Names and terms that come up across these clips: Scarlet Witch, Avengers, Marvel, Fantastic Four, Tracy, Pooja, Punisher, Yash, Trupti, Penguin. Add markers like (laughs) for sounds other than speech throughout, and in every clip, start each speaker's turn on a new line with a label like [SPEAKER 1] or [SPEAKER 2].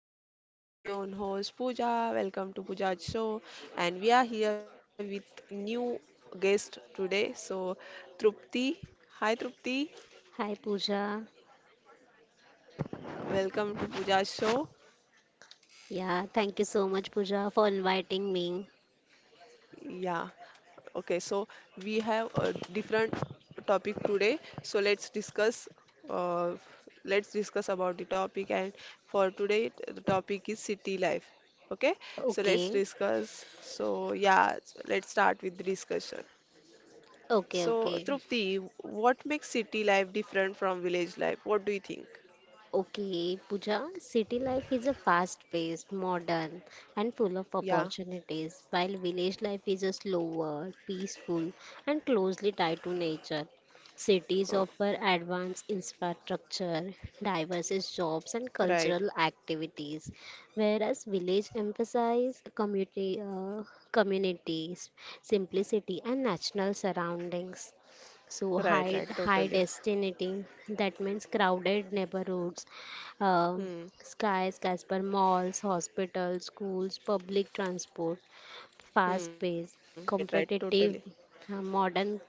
[SPEAKER 1] and I'm your very own host Pooja. Welcome to Pooja's show, and we are here with new guest today. So, Trupti, hi Trupti,
[SPEAKER 2] Hi Pooja.
[SPEAKER 1] welcome to Pooja's show.
[SPEAKER 2] Yeah, thank you so much Pooja for inviting me.
[SPEAKER 1] Yeah, okay. So we have a different topic today. So let's discuss. Uh, let's discuss about the topic, and for today the topic is city life. Okay, so let's
[SPEAKER 2] Okay.
[SPEAKER 1] discuss. So yeah, let's start with the discussion.
[SPEAKER 2] Okay,
[SPEAKER 1] So,
[SPEAKER 2] okay.
[SPEAKER 1] Trupti, what makes city life different from village life? What do you think?
[SPEAKER 2] Okay, Pooja, city life is a fast-paced, modern, and full of
[SPEAKER 1] Yeah.
[SPEAKER 2] opportunities, while village life is a slower, peaceful, and closely tied to nature. Cities
[SPEAKER 1] Oh,
[SPEAKER 2] offer advanced infrastructure, diverse jobs, and
[SPEAKER 1] right.
[SPEAKER 2] cultural activities, whereas village emphasize community, communities, simplicity, and natural surroundings. So
[SPEAKER 1] Right,
[SPEAKER 2] high
[SPEAKER 1] right,
[SPEAKER 2] high
[SPEAKER 1] totally.
[SPEAKER 2] density that means crowded neighborhoods, uh,
[SPEAKER 1] Hmm.
[SPEAKER 2] skies, Casper malls, hospitals, schools, public transport, fast
[SPEAKER 1] Hmm.
[SPEAKER 2] pace,
[SPEAKER 1] Right, right,
[SPEAKER 2] competitive,
[SPEAKER 1] totally.
[SPEAKER 2] modern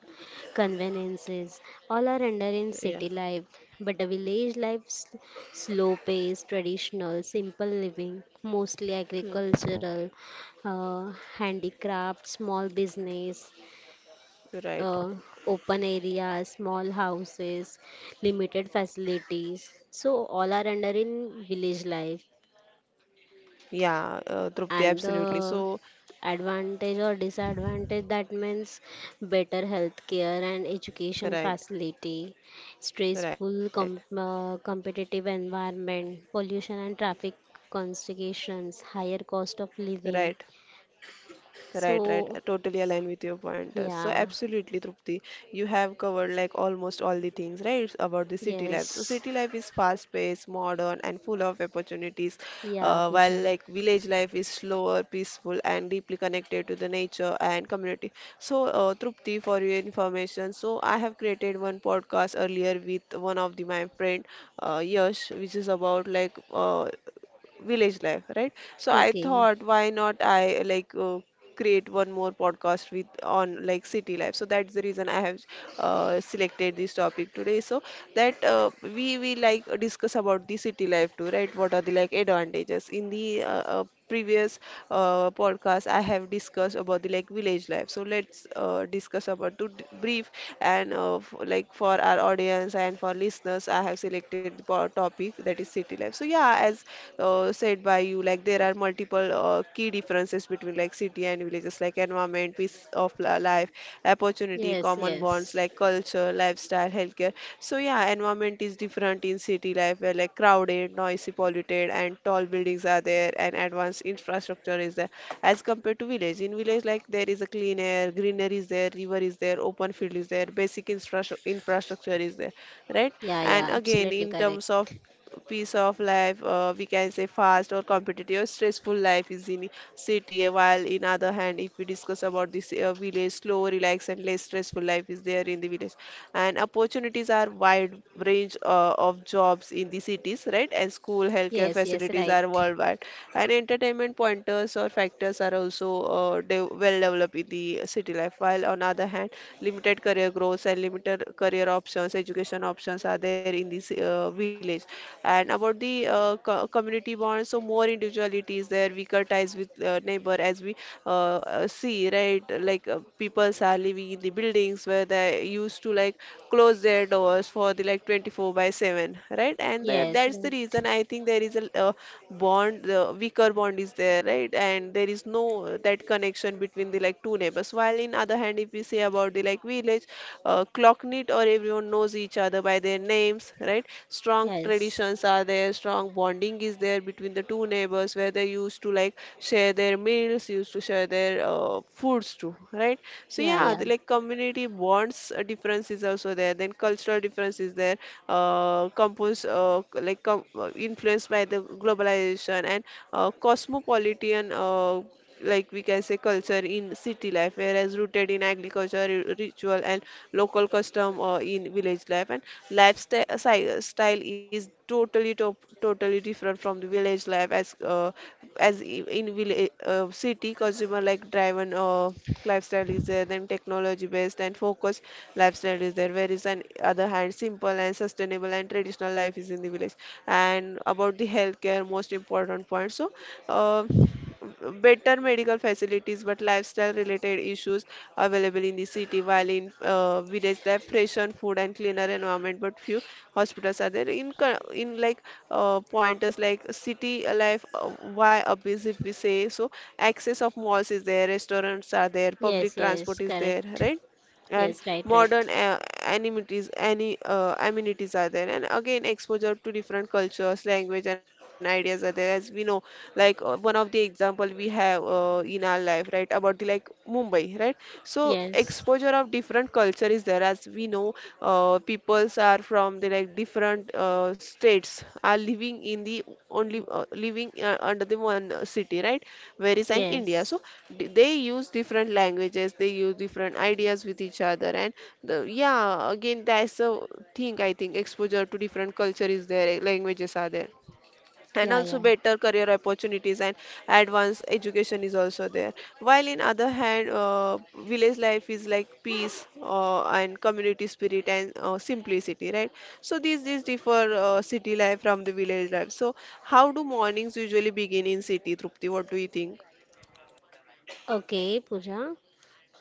[SPEAKER 2] conveniences. All are under in
[SPEAKER 1] Yeah.
[SPEAKER 2] city life, but the village life slow pace, traditional, simple living, mostly
[SPEAKER 1] Hmm.
[SPEAKER 2] agricultural, handicraft, small business,
[SPEAKER 1] Right.
[SPEAKER 2] uh, open areas, small houses, limited facilities. So all are under in village life.
[SPEAKER 1] Yeah, Trupti,
[SPEAKER 2] And
[SPEAKER 1] absolutely.
[SPEAKER 2] the
[SPEAKER 1] So,
[SPEAKER 2] advantage or disadvantage that means better healthcare and education
[SPEAKER 1] right,
[SPEAKER 2] facility,
[SPEAKER 1] right,
[SPEAKER 2] stressful competitive environment, pollution and traffic constipations, higher cost of
[SPEAKER 1] right.
[SPEAKER 2] living.
[SPEAKER 1] Right, right. I
[SPEAKER 2] So
[SPEAKER 1] totally align with your pointers. So
[SPEAKER 2] yeah,
[SPEAKER 1] absolutely, Trupti, you have covered like almost all the things, right, about the city life. So
[SPEAKER 2] yes,
[SPEAKER 1] city life is fast-paced, modern, and full of opportunities,
[SPEAKER 2] yeah,
[SPEAKER 1] while
[SPEAKER 2] Pooja.
[SPEAKER 1] like village life is slower, peaceful, and deeply connected to the nature and community. So, Trupti, for your information, so I have created one podcast earlier with one of the my friend, Yash, which is about like village life, right? So I
[SPEAKER 2] Okay.
[SPEAKER 1] thought, why not I like create one more podcast with on like city life. So that's the reason I have selected this topic today. So that we like discuss about the city life too, right? What are the like advantages in the previous podcast, I have discussed about the like village life. So let's discuss about to brief and like for our audience and for listeners, I have selected the topic that is city life. So yeah, as said by you, like there are multiple key differences between like city and villages, like environment, life, opportunity,
[SPEAKER 2] Yes,
[SPEAKER 1] common bonds,
[SPEAKER 2] yes.
[SPEAKER 1] like culture, lifestyle, healthcare. So yeah, environment is different in city life, where like crowded, noisy, polluted and tall buildings are there and advanced infrastructure is there as compared to village. In village, like there is a clean air, greenery is there, river is there, open field is there, basic infrastructure is there, right?
[SPEAKER 2] Yeah,
[SPEAKER 1] And
[SPEAKER 2] yeah,
[SPEAKER 1] again,
[SPEAKER 2] absolutely
[SPEAKER 1] in
[SPEAKER 2] correct.
[SPEAKER 1] terms of piece of life we can say fast or competitive or stressful life is in city while in other hand if we discuss about this village slow relaxed and less stressful life is there in the village and opportunities are wide range of jobs in the cities, right? And school, healthcare
[SPEAKER 2] Yes, yes,
[SPEAKER 1] facilities
[SPEAKER 2] right.
[SPEAKER 1] are worldwide. And entertainment pointers or factors are also de well developed in the city life. While on other hand, limited career growth and limited career options, education options are there in this village. And about the co community bonds, so more individuality is there, weaker ties with neighbor, as we see, right? Like peoples are living in the buildings where they used to like close their doors for the like 24 by 7, right? And the,
[SPEAKER 2] Yes,
[SPEAKER 1] that's the
[SPEAKER 2] right.
[SPEAKER 1] reason I think there is a bond the weaker bond is there, right? And there is no that connection between the like two neighbors while in other hand if we say about the like village clocknit or everyone knows each other by their names, right? Strong
[SPEAKER 2] Yes.
[SPEAKER 1] traditions are there, strong bonding is there between the two neighbors where they used to like share their meals, used to share their foods too, right? So
[SPEAKER 2] Yeah,
[SPEAKER 1] yeah,
[SPEAKER 2] yeah.
[SPEAKER 1] the like community bonds difference is also there, then cultural difference is there. Compose c- like com- Influenced by the globalization and cosmopolitan like we can say culture in city life whereas rooted in agriculture ritual and local custom in village life and lifestyle style is totally different from the village life as in village city consumer like driven lifestyle is there, then technology based and focused lifestyle is there, whereas on other hand, simple and sustainable and traditional life is in the village. And about the healthcare, most important point. So, uh, better medical facilities, but lifestyle related issues available in the city, while in village, they have fresher food and cleaner environment, but few hospitals are there. In like pointers like city life, why up is if we say so, access of malls is there, restaurants are there, public
[SPEAKER 2] Yes, yes,
[SPEAKER 1] transport is there,
[SPEAKER 2] correct.
[SPEAKER 1] right? And
[SPEAKER 2] Yes, right, right.
[SPEAKER 1] modern amenities any amenities are there. And again exposure to different cultures, language and ideas are there as we know like one of the example we have in our life, right? About the like Mumbai, right? So
[SPEAKER 2] Yes.
[SPEAKER 1] exposure of different culture is there as we know peoples are from the like different states are living in the only living under the one city, right? Whereas in India.
[SPEAKER 2] Yes.
[SPEAKER 1] So they use different languages, they use different ideas with each other, and the, yeah, again that's the thing I think exposure to different culture is there, languages are there, and
[SPEAKER 2] Yeah,
[SPEAKER 1] also
[SPEAKER 2] yeah.
[SPEAKER 1] better career opportunities and advanced education is also there while in other hand village life is like peace and community spirit and simplicity, right? So these differ city life from the village life. So how do mornings usually begin in city, Trupti? What do you think?
[SPEAKER 2] Okay, Pooja.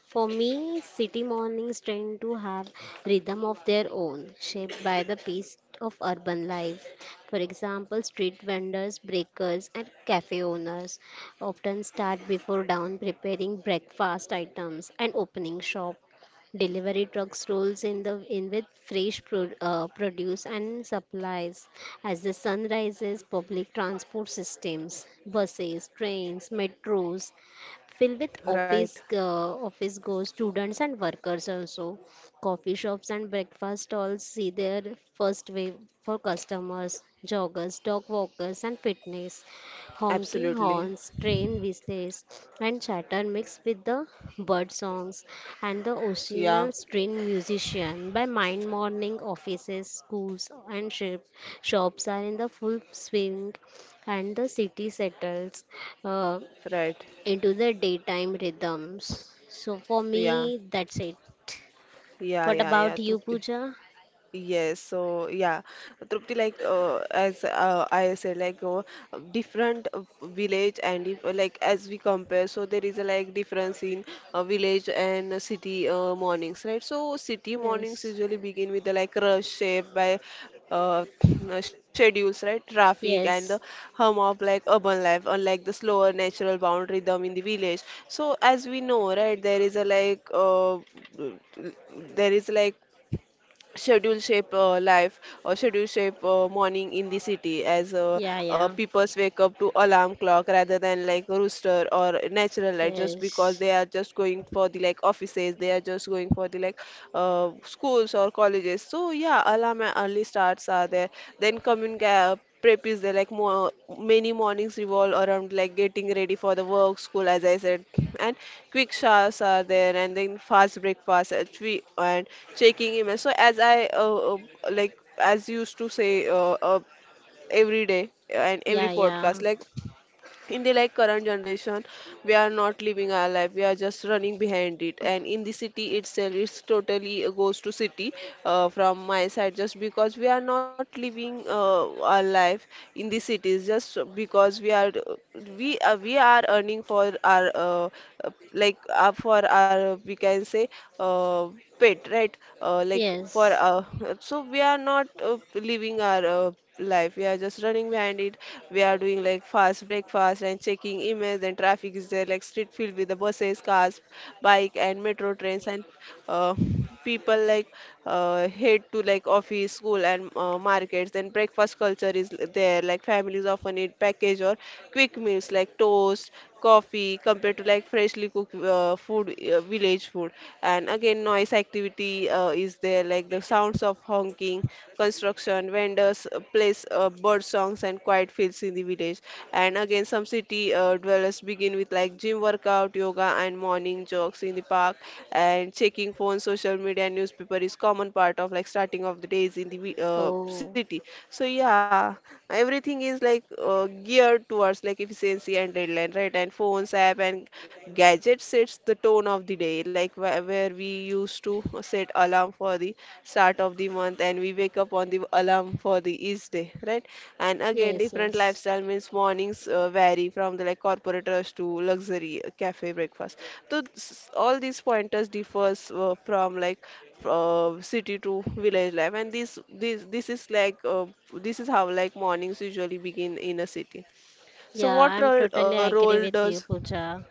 [SPEAKER 2] For me, city mornings tend to have rhythm of their own, shaped by the pace of urban life. For example, street vendors, breakers, and cafe owners often start before dawn preparing breakfast items and opening shop. Delivery trucks rolls in the in with fresh produce and supplies. As the sun rises, public transport systems, buses, trains, metros, filled with
[SPEAKER 1] Right.
[SPEAKER 2] office goers, students and workers also. Coffee shops and breakfast stalls see their first wave for customers, joggers, dog walkers and fitness. Honking
[SPEAKER 1] Absolutely.
[SPEAKER 2] horns, train whistles and chatter mixed with the bird songs and the
[SPEAKER 1] Yeah.
[SPEAKER 2] occasional string musician by mine morning offices, schools and shops are in the full swing and the city settles Uh,
[SPEAKER 1] Right.
[SPEAKER 2] into the daytime rhythms. So for
[SPEAKER 1] Yeah.
[SPEAKER 2] me, that's it.
[SPEAKER 1] Yeah.
[SPEAKER 2] What
[SPEAKER 1] Yeah. Yeah.
[SPEAKER 2] about you,
[SPEAKER 1] Trupti.
[SPEAKER 2] Pooja?
[SPEAKER 1] Yes, so yeah, Trupti, like as I said, like different village and if, like as we compare, so there is a like difference in village and city mornings, right? So city mornings
[SPEAKER 2] Yes.
[SPEAKER 1] usually begin with the like rush shaped by uh, (clears throat) schedules, right? Traffic and the
[SPEAKER 2] Yes.
[SPEAKER 1] hum of like urban life, unlike the slower natural bound rhythm in the village. So as we know, right, there is a like there is like schedule shape life or schedule shape morning in the city as
[SPEAKER 2] Yeah, yeah.
[SPEAKER 1] people wake up to alarm clock rather than like rooster or natural light just because
[SPEAKER 2] Yes.
[SPEAKER 1] they are just going for the like offices, they are just going for the like schools or colleges. So yeah, alarm and early starts are there, then commun prep is there, like more many mornings revolve around like getting ready for the work school as I said, and quick showers are there and then fast breakfast and, and checking emails. So as I like as used to say every day and every
[SPEAKER 2] Yeah, yeah.
[SPEAKER 1] podcast, like in the like current generation we are not living our life, we are just running behind it. And in the city itself it's totally goes to city from my side, just because we are not living our life in the cities just because we are we are earning for our for our we can say uh, pet, right? Like for
[SPEAKER 2] Yes.
[SPEAKER 1] (laughs) so we are not living our life. We are just running behind it. We are doing like fast breakfast and checking emails and traffic is there, like street filled with the buses, cars, bike and metro trains and uh, people like head to like office, school and markets. And breakfast culture is there. Like families often eat package or quick meals like toast, coffee compared to like freshly cooked food, village food. And again, noise activity is there, like the sounds of honking construction, vendors plays bird songs and quiet fields in the village. And again, some city dwellers begin with like gym workout, yoga, and morning jogs in the park. And checking phone, social media, and newspaper is common part of like starting of the days in the
[SPEAKER 2] Oh.
[SPEAKER 1] city. So yeah, everything is like geared towards like efficiency and deadline, right? And phones, app, and gadgets sets the tone of the day, like where we used to set alarm for the start of the month and we wake up on the alarm for the each day, right? And again
[SPEAKER 2] Yes,
[SPEAKER 1] different
[SPEAKER 2] yes.
[SPEAKER 1] lifestyle means mornings vary from the like corporate rush to luxury cafe breakfast. So all these pointers differs from like city to village life. And this is like this is how like mornings usually begin in a city. So
[SPEAKER 2] Yeah,
[SPEAKER 1] what
[SPEAKER 2] I'm
[SPEAKER 1] role,
[SPEAKER 2] totally
[SPEAKER 1] role
[SPEAKER 2] agree with
[SPEAKER 1] does
[SPEAKER 2] you, Pooja.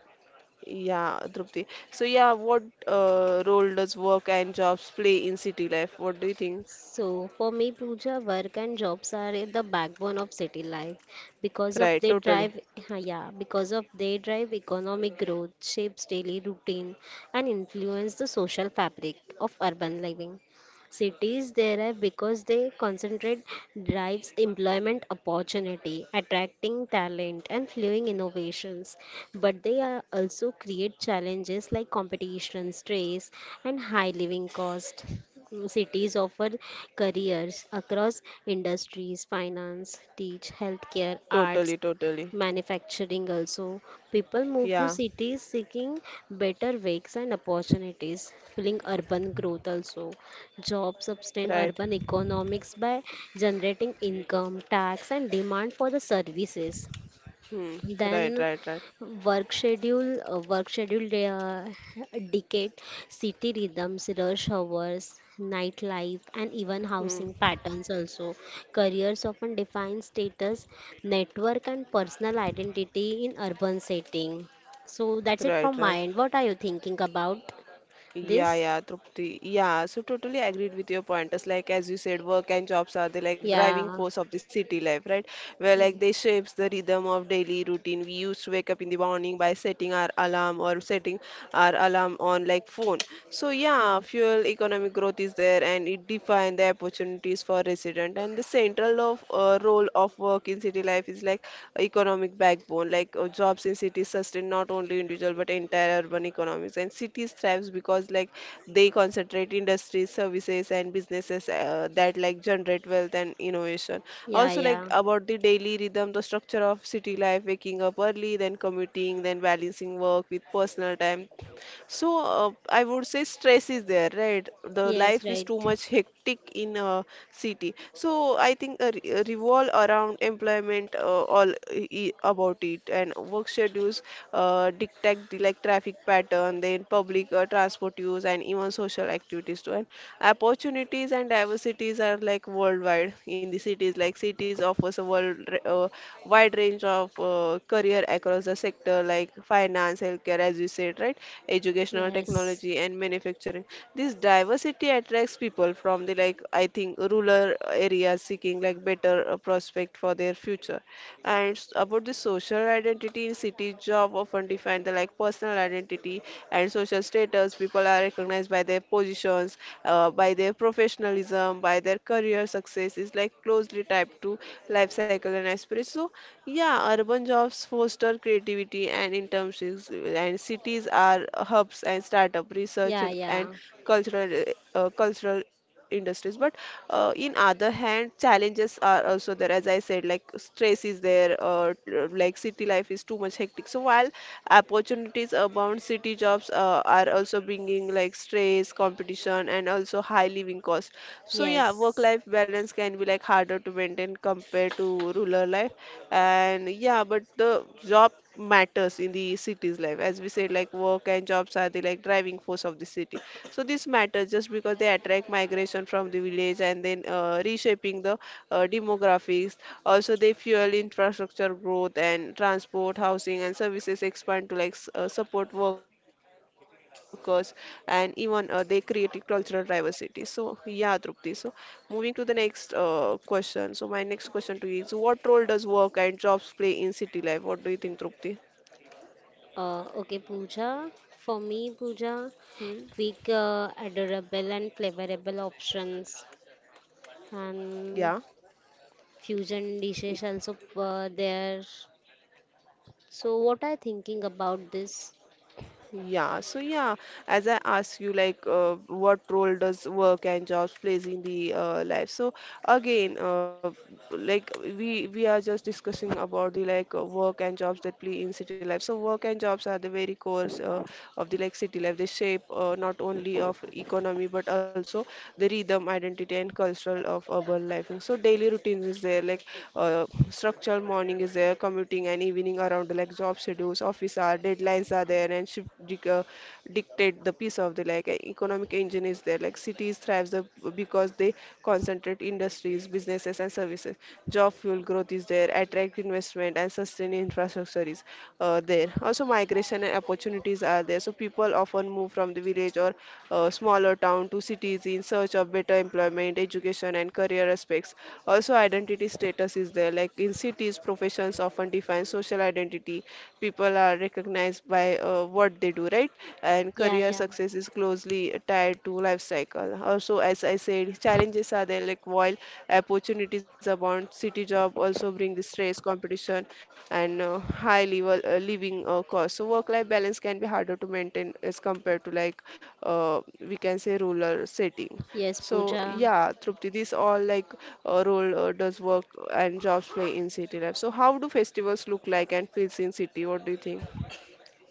[SPEAKER 1] yeah, Drupti. So yeah, what role does work and jobs play in city life? What do you think?
[SPEAKER 2] So for me, Pooja, work and jobs are in the backbone of city life because of
[SPEAKER 1] Right,
[SPEAKER 2] they drive, (laughs) yeah, because of they drive economic growth, shapes daily routine, and influence the social fabric of urban living. Cities thrive because they concentrate drives employment opportunity, attracting talent and fueling innovations. But they are also create challenges like competition, stress, and high living cost. Cities offer careers across industries, finance, teach, healthcare, arts,
[SPEAKER 1] totally.
[SPEAKER 2] manufacturing also people move to
[SPEAKER 1] Yeah,
[SPEAKER 2] cities seeking better wages and opportunities fueling urban growth also jobs sustain
[SPEAKER 1] right.
[SPEAKER 2] urban economics by generating income tax and demand for the services
[SPEAKER 1] Hmm. Right,
[SPEAKER 2] then
[SPEAKER 1] right, right.
[SPEAKER 2] work schedule they are (laughs) decade, city rhythms, rush hours, nightlife, and even housing
[SPEAKER 1] Hmm.
[SPEAKER 2] patterns also. Careers often define status, network, and personal identity in urban setting. So that's it
[SPEAKER 1] Right,
[SPEAKER 2] from my
[SPEAKER 1] right.
[SPEAKER 2] end. What are you thinking about
[SPEAKER 1] Yeah,
[SPEAKER 2] this?
[SPEAKER 1] yeah, Trupti. Yeah, so totally agreed with your pointers. Like as you said, work and jobs are the like driving
[SPEAKER 2] Yeah.
[SPEAKER 1] force of the city life, right? Where
[SPEAKER 2] Yeah.
[SPEAKER 1] like they shapes the rhythm of daily routine. We used to wake up in the morning by setting our alarm or setting our alarm on like phone. So yeah,
[SPEAKER 2] Mm.
[SPEAKER 1] fuel economic growth is there and it defines the opportunities for resident and the central of role of work in city life is like economic backbone like jobs in cities sustain not only individual but entire urban economies and cities thrives because like they concentrate industries services and businesses that like generate wealth and innovation
[SPEAKER 2] Yeah,
[SPEAKER 1] also like
[SPEAKER 2] yeah.
[SPEAKER 1] about the daily rhythm the structure of city life waking up early then commuting then balancing work with personal time so I would say stress is there, right? The
[SPEAKER 2] Yes,
[SPEAKER 1] life is
[SPEAKER 2] right.
[SPEAKER 1] too much hectic in a city. So I think revolve around employment about it and work schedules dictate the like traffic pattern, then public transport use and even social activities too. And opportunities and diversities are like worldwide in the cities. Like cities offers a world uh, wide range of career across the sector, like finance, healthcare, as you said, right? Educational,
[SPEAKER 2] Yes.
[SPEAKER 1] technology, and manufacturing. This diversity attracts people from the like I think rural areas seeking like better prospect for their future and about the social identity in cities job often define the like personal identity and social status people are recognized by their positions by their professionalism by their career success is like closely tied to life cycle and aspiration so yeah, urban jobs foster creativity and internships, and cities are hubs and startup research
[SPEAKER 2] Yeah,
[SPEAKER 1] and
[SPEAKER 2] yeah.
[SPEAKER 1] cultural cultural industries. But in other hand, challenges are also there. As I said, like stress is there, or like city life is too much hectic. So while opportunities abound, city jobs are also bringing like stress, competition, and also high living costs. So yeah,
[SPEAKER 2] Yes.
[SPEAKER 1] work-life balance can be like harder to maintain compared to rural life. And yeah, but the job matters in the city's life. As we said, like work and jobs are the like driving force of the city. So this matters just because they attract migration from the village and then reshaping the demographics. Also, they fuel infrastructure growth and transport, housing, and services expand to like support workers, and even they create cultural diversity. So, yeah, Trupti. So, moving to the next question. So, my next question to you is, what role does work and jobs play in city life? What do you think, Trupti?
[SPEAKER 2] Okay, Pooja. For me, Pooja,
[SPEAKER 1] Hmm?
[SPEAKER 2] quick, adorable, and flavorable options,
[SPEAKER 1] Yeah,
[SPEAKER 2] and fusion dishes also there. So, what are you thinking about this?
[SPEAKER 1] Yeah, so yeah, as I ask you, like, what role does work and jobs plays in the life? So again, like we are just discussing about the like work and jobs that play in city life. So work and jobs are the very cores of the like city life. They shape not only of economy but also the rhythm, identity, and cultural of urban life. And so daily routines is there, like structural morning is there, commuting and evening winning around like job schedules, office hour, deadlines are there, and dictate the piece of the like economic engine is there. Like cities thrives the, because they concentrate industries, businesses, and services. Job fuel growth is there, attract investment, and sustain infrastructure is there. Also, migration and opportunities are there. So people often move from the village or smaller town to cities in search of better employment, education, and career aspects. Also, also identity status is there like in cities professions often define social identity people are recognized by what they do right and
[SPEAKER 2] Yeah,
[SPEAKER 1] career
[SPEAKER 2] yeah.
[SPEAKER 1] success is closely tied to life cycle also as I said challenges are there like while opportunities abound city job also bring the stress competition and high level living cost so work life balance can be harder to maintain as compared to like uh, we can say rural setting
[SPEAKER 2] Yes,
[SPEAKER 1] so
[SPEAKER 2] Pooja.
[SPEAKER 1] yeah, Trupti, these all like role does work and jobs play in city life. So how do festivals look like and feels in city? What do you think?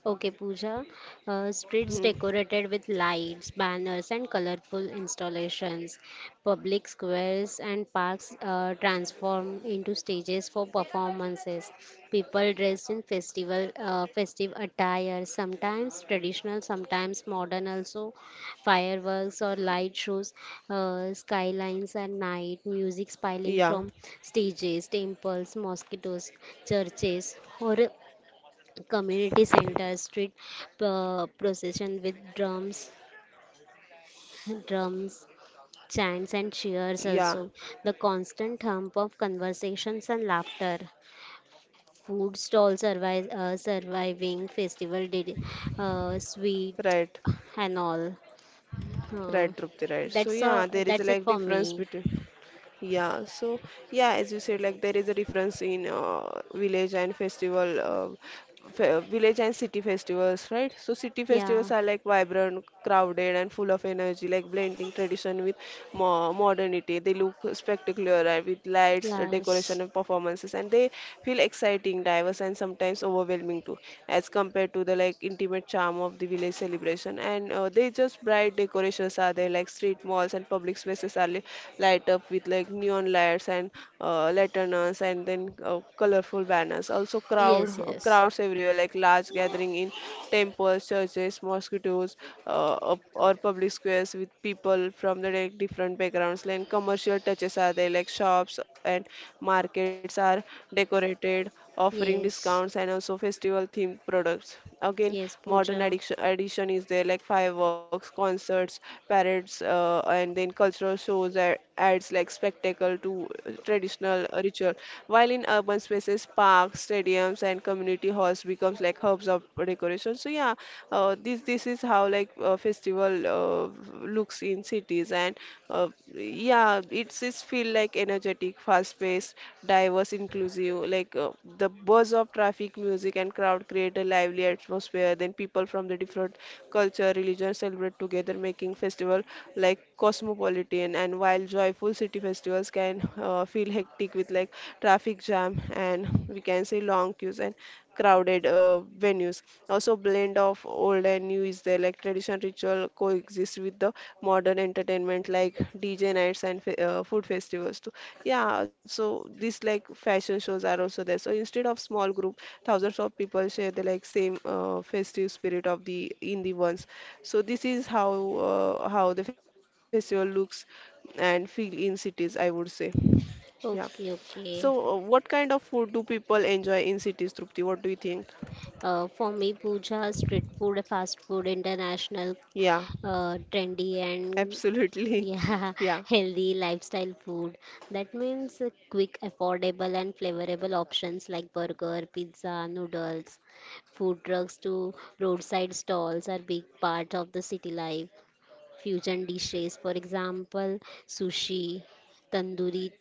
[SPEAKER 2] Okay, Pooja. Streets
[SPEAKER 1] Hmm.
[SPEAKER 2] decorated with lights, banners, and colorful installations. Public squares and parks transform into stages for performances. People dressed in festive attire, sometimes traditional, sometimes modern. Also, fireworks or light shows, skylines at night, music spilling
[SPEAKER 1] Yeah,
[SPEAKER 2] from stages, temples, mosquitoes, churches, or community center street procession with drums chants and cheers
[SPEAKER 1] yeah,
[SPEAKER 2] also the constant hum of conversations and laughter food stalls surviving festival did sweet
[SPEAKER 1] right.
[SPEAKER 2] and all uh,
[SPEAKER 1] Right, Trupti, right. So yeah, there is
[SPEAKER 2] that's it
[SPEAKER 1] like
[SPEAKER 2] for
[SPEAKER 1] difference
[SPEAKER 2] me
[SPEAKER 1] between yeah. So yeah, as you said, like there is a difference in village and festival, village and city festivals, right? So city
[SPEAKER 2] yeah
[SPEAKER 1] festivals are like vibrant, crowded, and full of energy, like blending tradition with mo modernity. They look spectacular with lights,
[SPEAKER 2] yes
[SPEAKER 1] decoration, and performances, and they feel exciting, diverse, and sometimes overwhelming too to as compared to the like intimate charm of the village celebration and they just bright decorations are there like street malls and public spaces are light up with like neon lights and lanterns and then colorful banners also
[SPEAKER 2] yes yes
[SPEAKER 1] crowds everywhere like large gathering in temples churches mosquitoes or public squares with people from the like, different backgrounds like commercial touches are there like shops and markets are decorated offering discounts and
[SPEAKER 2] yes
[SPEAKER 1] also festival themed products. Again,
[SPEAKER 2] yes
[SPEAKER 1] modern
[SPEAKER 2] pooja
[SPEAKER 1] addiction addition is there like fireworks, concerts, parades, and then cultural shows, ads like spectacle to traditional ritual. While in urban spaces, parks, stadiums, and community halls becomes like hubs of decoration. So yeah, this is how like festival looks in cities and uh, yeah it's feel like energetic fast paced diverse inclusive like the buzz of traffic music and crowd create a lively atmosphere then people from the different culture religion celebrate together making festival like cosmopolitan and while joyful city festivals can feel hectic with like traffic jam and we can say long queues and crowded venues. Also, blend of old and new is there, like tradition ritual coexist with the modern entertainment, like DJ nights and food festivals too. Yeah, so these like fashion shows are also there. So instead of small group, thousands of people share the like same festive spirit of the in the ones. So this is how the festival looks and feel in cities, I would say. Yeah.
[SPEAKER 2] okay
[SPEAKER 1] So,
[SPEAKER 2] okay
[SPEAKER 1] what kind of food do people enjoy in cities, Trupti? What do you think?
[SPEAKER 2] For me, puja, street food, fast food, international,
[SPEAKER 1] Yeah,
[SPEAKER 2] trendy, and
[SPEAKER 1] absolutely.
[SPEAKER 2] yeah,
[SPEAKER 1] (laughs)
[SPEAKER 2] (laughs)
[SPEAKER 1] Yeah,
[SPEAKER 2] healthy lifestyle food. That means quick, affordable, and flavorable options like burger, pizza, noodles. Food trucks to roadside stalls are big part of the city life. Fusion dishes, for example, sushi, tandoori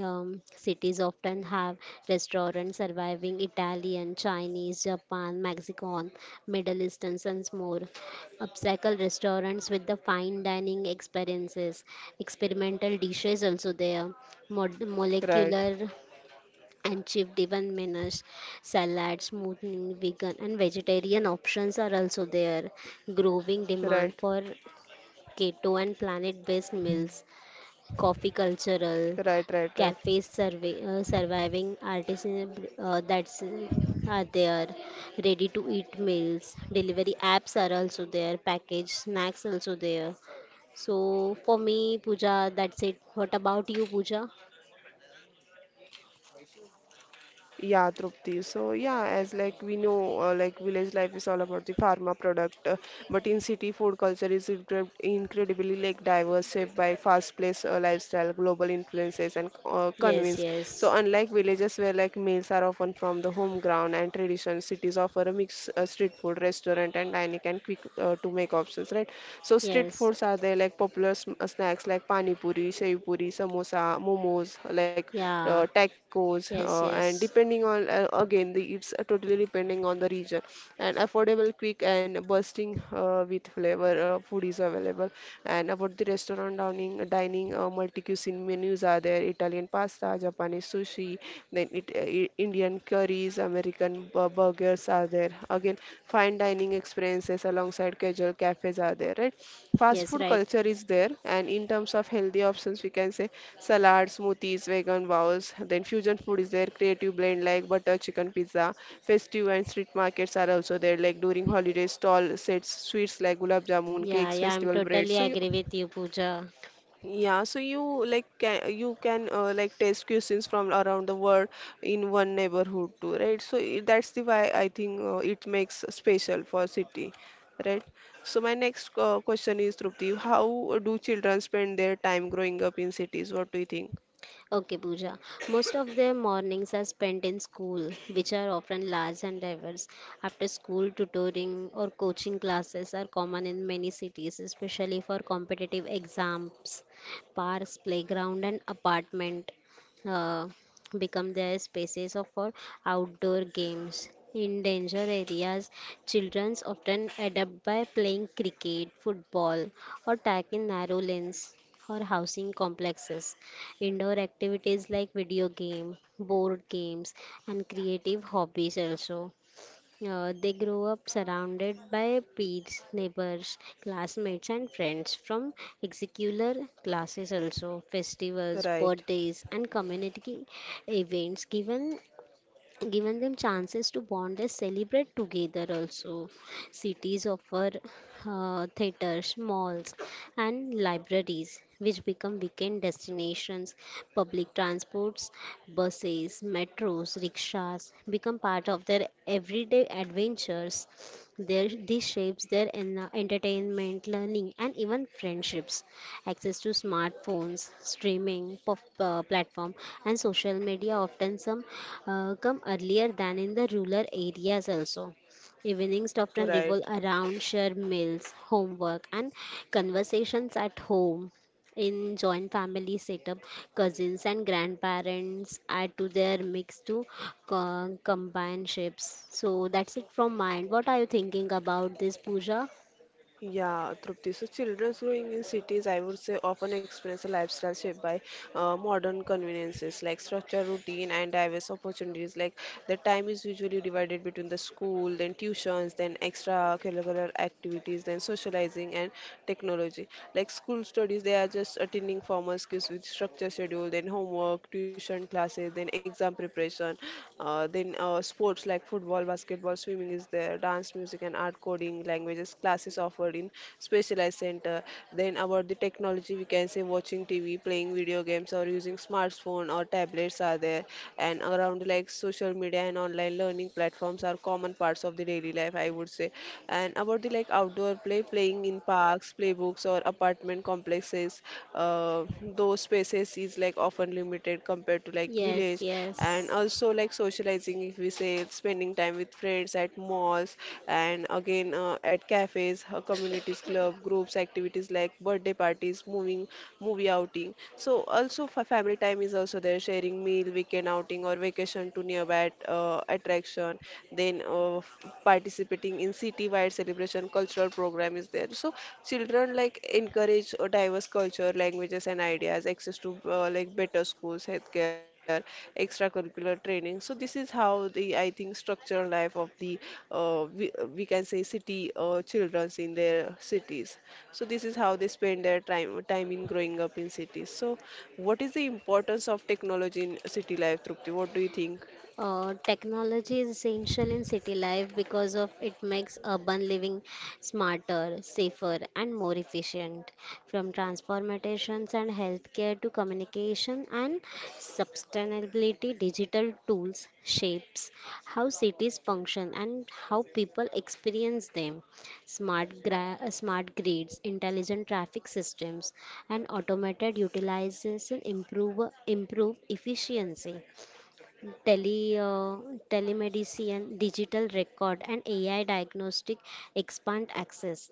[SPEAKER 2] cities often have restaurants surviving Italian, Chinese, Japan, Mexican, Middle Eastern, and more. Upcycle restaurants with the fine dining experiences, experimental dishes also there,
[SPEAKER 1] right,
[SPEAKER 2] molecular and cheap driven menus, salad, smoothing, vegan and vegetarian options are also there. Growing
[SPEAKER 1] right,
[SPEAKER 2] demand for keto and planet-based meals coffee
[SPEAKER 1] right, right, right.
[SPEAKER 2] cultural cafes surviving artisan that's are there ready to eat meals delivery apps are also there packaged snacks also there so for me puja that's it what about you puja
[SPEAKER 1] Yeah, Trupti. So yeah, as like we know, like village life is all about the pharma product, but in city, food culture is incredibly like diverse, shaped by fast-paced lifestyle, global influences, and
[SPEAKER 2] yes
[SPEAKER 1] convince. So
[SPEAKER 2] yes
[SPEAKER 1] unlike villages where like meals are often from the home ground and tradition, cities offer a mix street food, restaurant, and dining and quick to make options, right? So street
[SPEAKER 2] yes
[SPEAKER 1] foods are there like popular snacks like pani puri, shev puri, Pani Puri, samosa, momos, like
[SPEAKER 2] yeah
[SPEAKER 1] tacos,
[SPEAKER 2] yes
[SPEAKER 1] and
[SPEAKER 2] yes
[SPEAKER 1] depending on again, the, it's totally depending on the region. And affordable, quick, and bursting with flavor food is available. And about the restaurant dining multi cuisine menus are there: Italian pasta, Japanese sushi, then it, Indian curries, American burgers are there. Again, fine dining experiences alongside casual cafes are there, right? fast
[SPEAKER 2] yes
[SPEAKER 1] food
[SPEAKER 2] right
[SPEAKER 1] culture is there and in terms of healthy options we can say salads smoothies vegan bowls then fusion food is there creative blend like butter chicken pizza festive and street markets are also there like during holidays stall sets sweets like gulab jamun
[SPEAKER 2] yeah
[SPEAKER 1] cakes
[SPEAKER 2] yeah I'm
[SPEAKER 1] festival bread
[SPEAKER 2] totally
[SPEAKER 1] so
[SPEAKER 2] agree with you puja
[SPEAKER 1] yeah, so you like can you can like taste cuisines from around the world in one neighborhood too, right? So that's the why I think it makes special for city, right? So my next question is Trupti, how do children spend their time growing up in cities? What do you think?
[SPEAKER 2] Okay, Pooja. Most of their mornings are spent in school, which are often large and diverse. After school, tutoring or coaching classes are common in many cities, especially for competitive exams. Parks, playground, and apartment uh, become their for outdoor games. In danger areas, children often adapt by playing cricket, football, or tackling narrow lanes or housing complexes. Indoor activities like video game, board games, and creative hobbies also. They grow up surrounded by peers, neighbors, classmates, and friends from extracurricular classes also. Festivals,
[SPEAKER 1] Right,
[SPEAKER 2] birthdays, and community events given them chances to bond and celebrate together also cities offer theaters malls and libraries which become weekend destinations public transports buses metros rickshaws become part of their everyday adventures this shapes their entertainment learning and even friendships access to smartphones, platform, and social media often some come earlier than in the rural areas also. Evenings often revolve
[SPEAKER 1] right.
[SPEAKER 2] around shared meals, homework, and conversations at home. In joint family setup, cousins and grandparents add to their mix to companionships. So that's it from mine. What are you thinking about this, Pooja?
[SPEAKER 1] Yeah, Trupti. So children growing in cities, I would say, often experience a lifestyle shaped by modern conveniences like structure, routine, and diverse opportunities. Like the time is usually divided between the school, then tuitions, then extracurricular activities, then socializing and technology. Like school studies, they are just attending formal skills with structure schedule, then homework, tuition classes, then exam preparation, then sports like football, basketball, swimming is there, dance, music, and art coding languages classes offered in specialized center. Then about the technology, we can say watching TV, playing video games, or using smartphone or tablets are there. And around like social media and online learning platforms are common parts of the daily life, I would say. And about the like outdoor play, playing in parks, playbooks, or apartment complexes. Those spaces is like often limited compared to like
[SPEAKER 2] Yes,
[SPEAKER 1] village, and
[SPEAKER 2] yes.
[SPEAKER 1] also like socializing if we say it's spending time with friends at malls and again at cafes, communities club groups activities like birthday parties moving movie outing. So also for family time is also there, sharing meal weekend outing or vacation to nearby attraction. Then Participating in city wide celebrations and cultural program is there. So children like encourage diverse culture, languages and ideas, access to like better schools, healthcare, extracurricular training. So this is how the, I think, structural life of the we can say city childrens in their cities. So this is how they spend their time in growing up in cities. So what is the importance of technology in city life, Trupti? What do you think?
[SPEAKER 2] Technology is essential in city life because of it makes urban living smarter, safer, and more efficient. From transportations and healthcare to communication and sustainability, digital tools shapes how cities function and how people experience them. Smart grids, intelligent traffic systems, and automated utilization improve efficiency tele, uh, telemedicine, digital record, and AI diagnostic expand access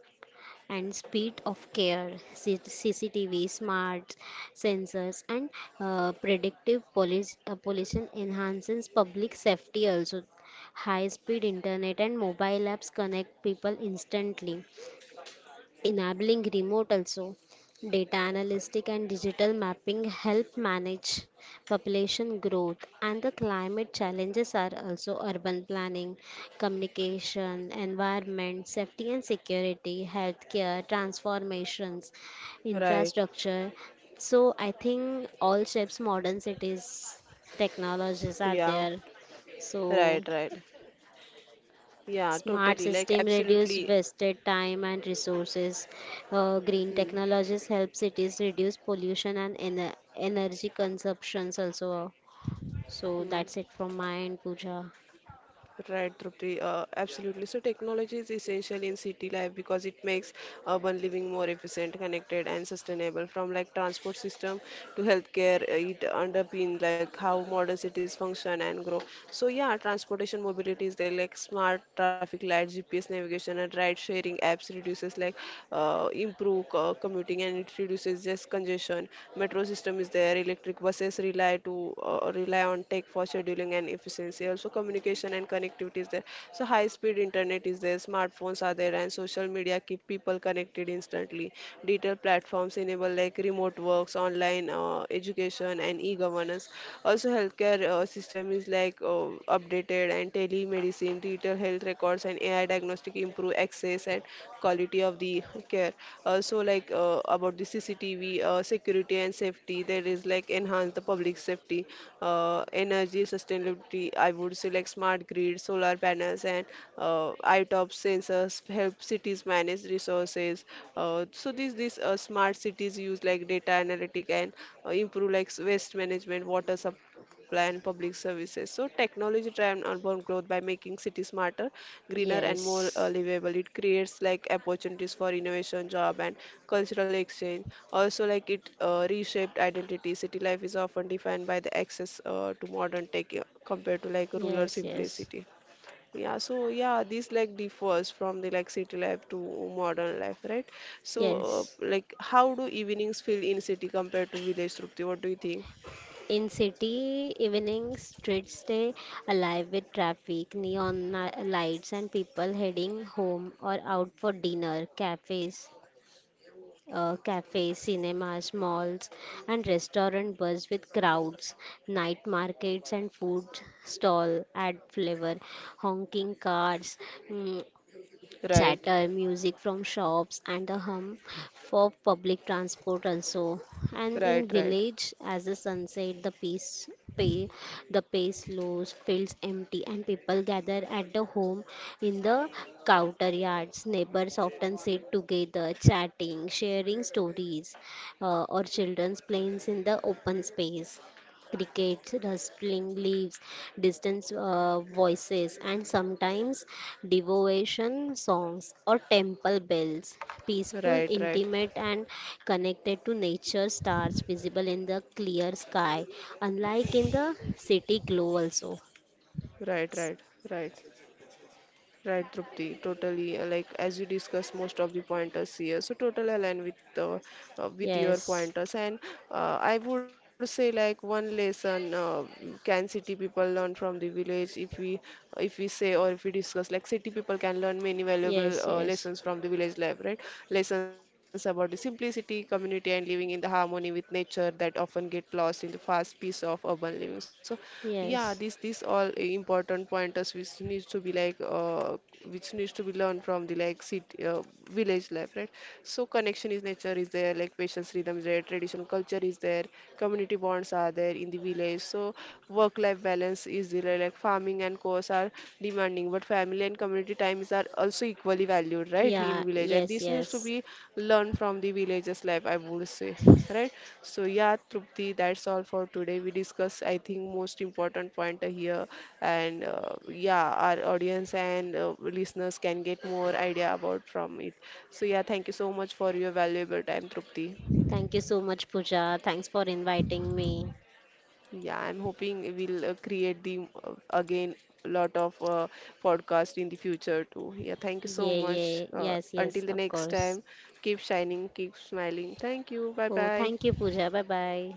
[SPEAKER 2] and speed of care, CCTV, smart sensors, and predictive police, pollution enhances public safety also. High speed internet and mobile apps connect people instantly enabling remote also. Data analytic and digital mapping help manage population growth and the climate challenges are also urban planning, communication, environment, safety and security, healthcare, transformations,
[SPEAKER 1] Right.
[SPEAKER 2] infrastructure. So I think all shapes modern cities technologies are
[SPEAKER 1] Yeah,
[SPEAKER 2] there. So
[SPEAKER 1] right, right. Yeah,
[SPEAKER 2] Smart
[SPEAKER 1] totally. Like,
[SPEAKER 2] system reduce
[SPEAKER 1] absolutely.
[SPEAKER 2] wasted time and resources. Green
[SPEAKER 1] 嗯
[SPEAKER 2] technologies help cities reduce pollution and energy consumptions also. So
[SPEAKER 1] 嗯。
[SPEAKER 2] that's it from my end, Pooja.
[SPEAKER 1] Right, Trupti, absolutely. So technology is essential in city life because it makes urban living more efficient, connected, and sustainable. From like transport system to healthcare, it underpin like how modern cities function and grow. So yeah, transportation mobility is the like smart traffic lights, GPS navigation, and ride sharing apps reduces improve commuting and it reduces just congestion. Metro system is there. Electric buses rely to rely on tech for scheduling and efficiency. Also communication and connectivity is there. So high speed internet is there, smartphones are there, and social media keep people connected instantly. Digital platforms enable like remote works, online education, and e-governance. Also, healthcare system is like updated, and telemedicine, digital health records, and AI diagnostic improve access and quality of the care. Also like about the CCTV security and safety, there is like enhance the public safety. Energy sustainability, I would say, like smart grid solar panels and uh, itop sensors help cities manage resources. So these smart cities use like data analytic and improve like waste management, water supply, and public services. So technology drives urban growth by making cities smarter, greener, and more
[SPEAKER 2] Yes,
[SPEAKER 1] livable. It creates like opportunities for innovation, job, and cultural exchange. Also, like it reshaped identity. City life is often defined by the access to modern tech compared to like rural
[SPEAKER 2] yes, yes,
[SPEAKER 1] simplicity. Yeah, so yeah, this like differs from the like city life to modern life, right? So
[SPEAKER 2] yes.
[SPEAKER 1] like how do evenings feel in city compared to village, Trupti? What do you think?
[SPEAKER 2] In city, evening streets stay alive with traffic, lights, and people heading home or out for dinner. Cafes cafes, cinemas, malls, and restaurant buzz with crowds, night markets and food stall add flavor, honking cars, mm,
[SPEAKER 1] Right,
[SPEAKER 2] chatter, music from shops, and the hum for public transport also. And in
[SPEAKER 1] right, right,
[SPEAKER 2] village, as the sunset, the peace pay the pace slows feels empty and people gather at the home in the counter yards neighbors often sit together chatting sharing stories or children's playing in the open space crickets, rustling leaves, distant voices, and sometimes devotion songs or temple bells. Peaceful,
[SPEAKER 1] right, right,
[SPEAKER 2] intimate, and connected to nature stars visible in the clear sky, unlike in the city glow, also.
[SPEAKER 1] right, right, right. Right, Trupti, totally. Like as you discussed most of the pointers here, so totally aligned with the with your
[SPEAKER 2] Yes,
[SPEAKER 1] pointers. And I would say like one lesson can city people learn from the village if we say, or if we discuss like city people can learn many
[SPEAKER 2] yes,
[SPEAKER 1] valuable
[SPEAKER 2] yes,
[SPEAKER 1] lessons from the village life, right? Lessons about the simplicity, community, and living in the harmony with nature that often get lost in the fast pace of urban living. So yeah,
[SPEAKER 2] yes.
[SPEAKER 1] these all important pointers which needs to be like which needs to be learned from the like city village life, right. So connection is nature is there, like patience rhythm is there, traditional culture is there, community bonds are there in the village. So work life balance is there, like farming and course are demanding, but family and community times are also equally valued, right? In
[SPEAKER 2] Yeah,
[SPEAKER 1] village, and
[SPEAKER 2] yes,
[SPEAKER 1] this needs to
[SPEAKER 2] yes.
[SPEAKER 1] be learned from the villages life, I would say. Right. So yeah, Trupti, that's all for today. We discuss, I think, most important point here, and yeah, our audience and listeners can get more idea about from it. So yeah, thank you so much for your valuable time, Trupti.
[SPEAKER 2] Thank you so much, Pooja. Thanks for inviting me.
[SPEAKER 1] Yeah, I'm hoping we'll create the again lot of podcast in the future too. Yeah, thank you so
[SPEAKER 2] Yeah,
[SPEAKER 1] much.
[SPEAKER 2] yeah, yes, yes,
[SPEAKER 1] Until the
[SPEAKER 2] of
[SPEAKER 1] next
[SPEAKER 2] course.
[SPEAKER 1] time, keep shining, keep smiling. Thank you. Bye
[SPEAKER 2] Oh,
[SPEAKER 1] bye.
[SPEAKER 2] thank you, Pooja. Bye bye.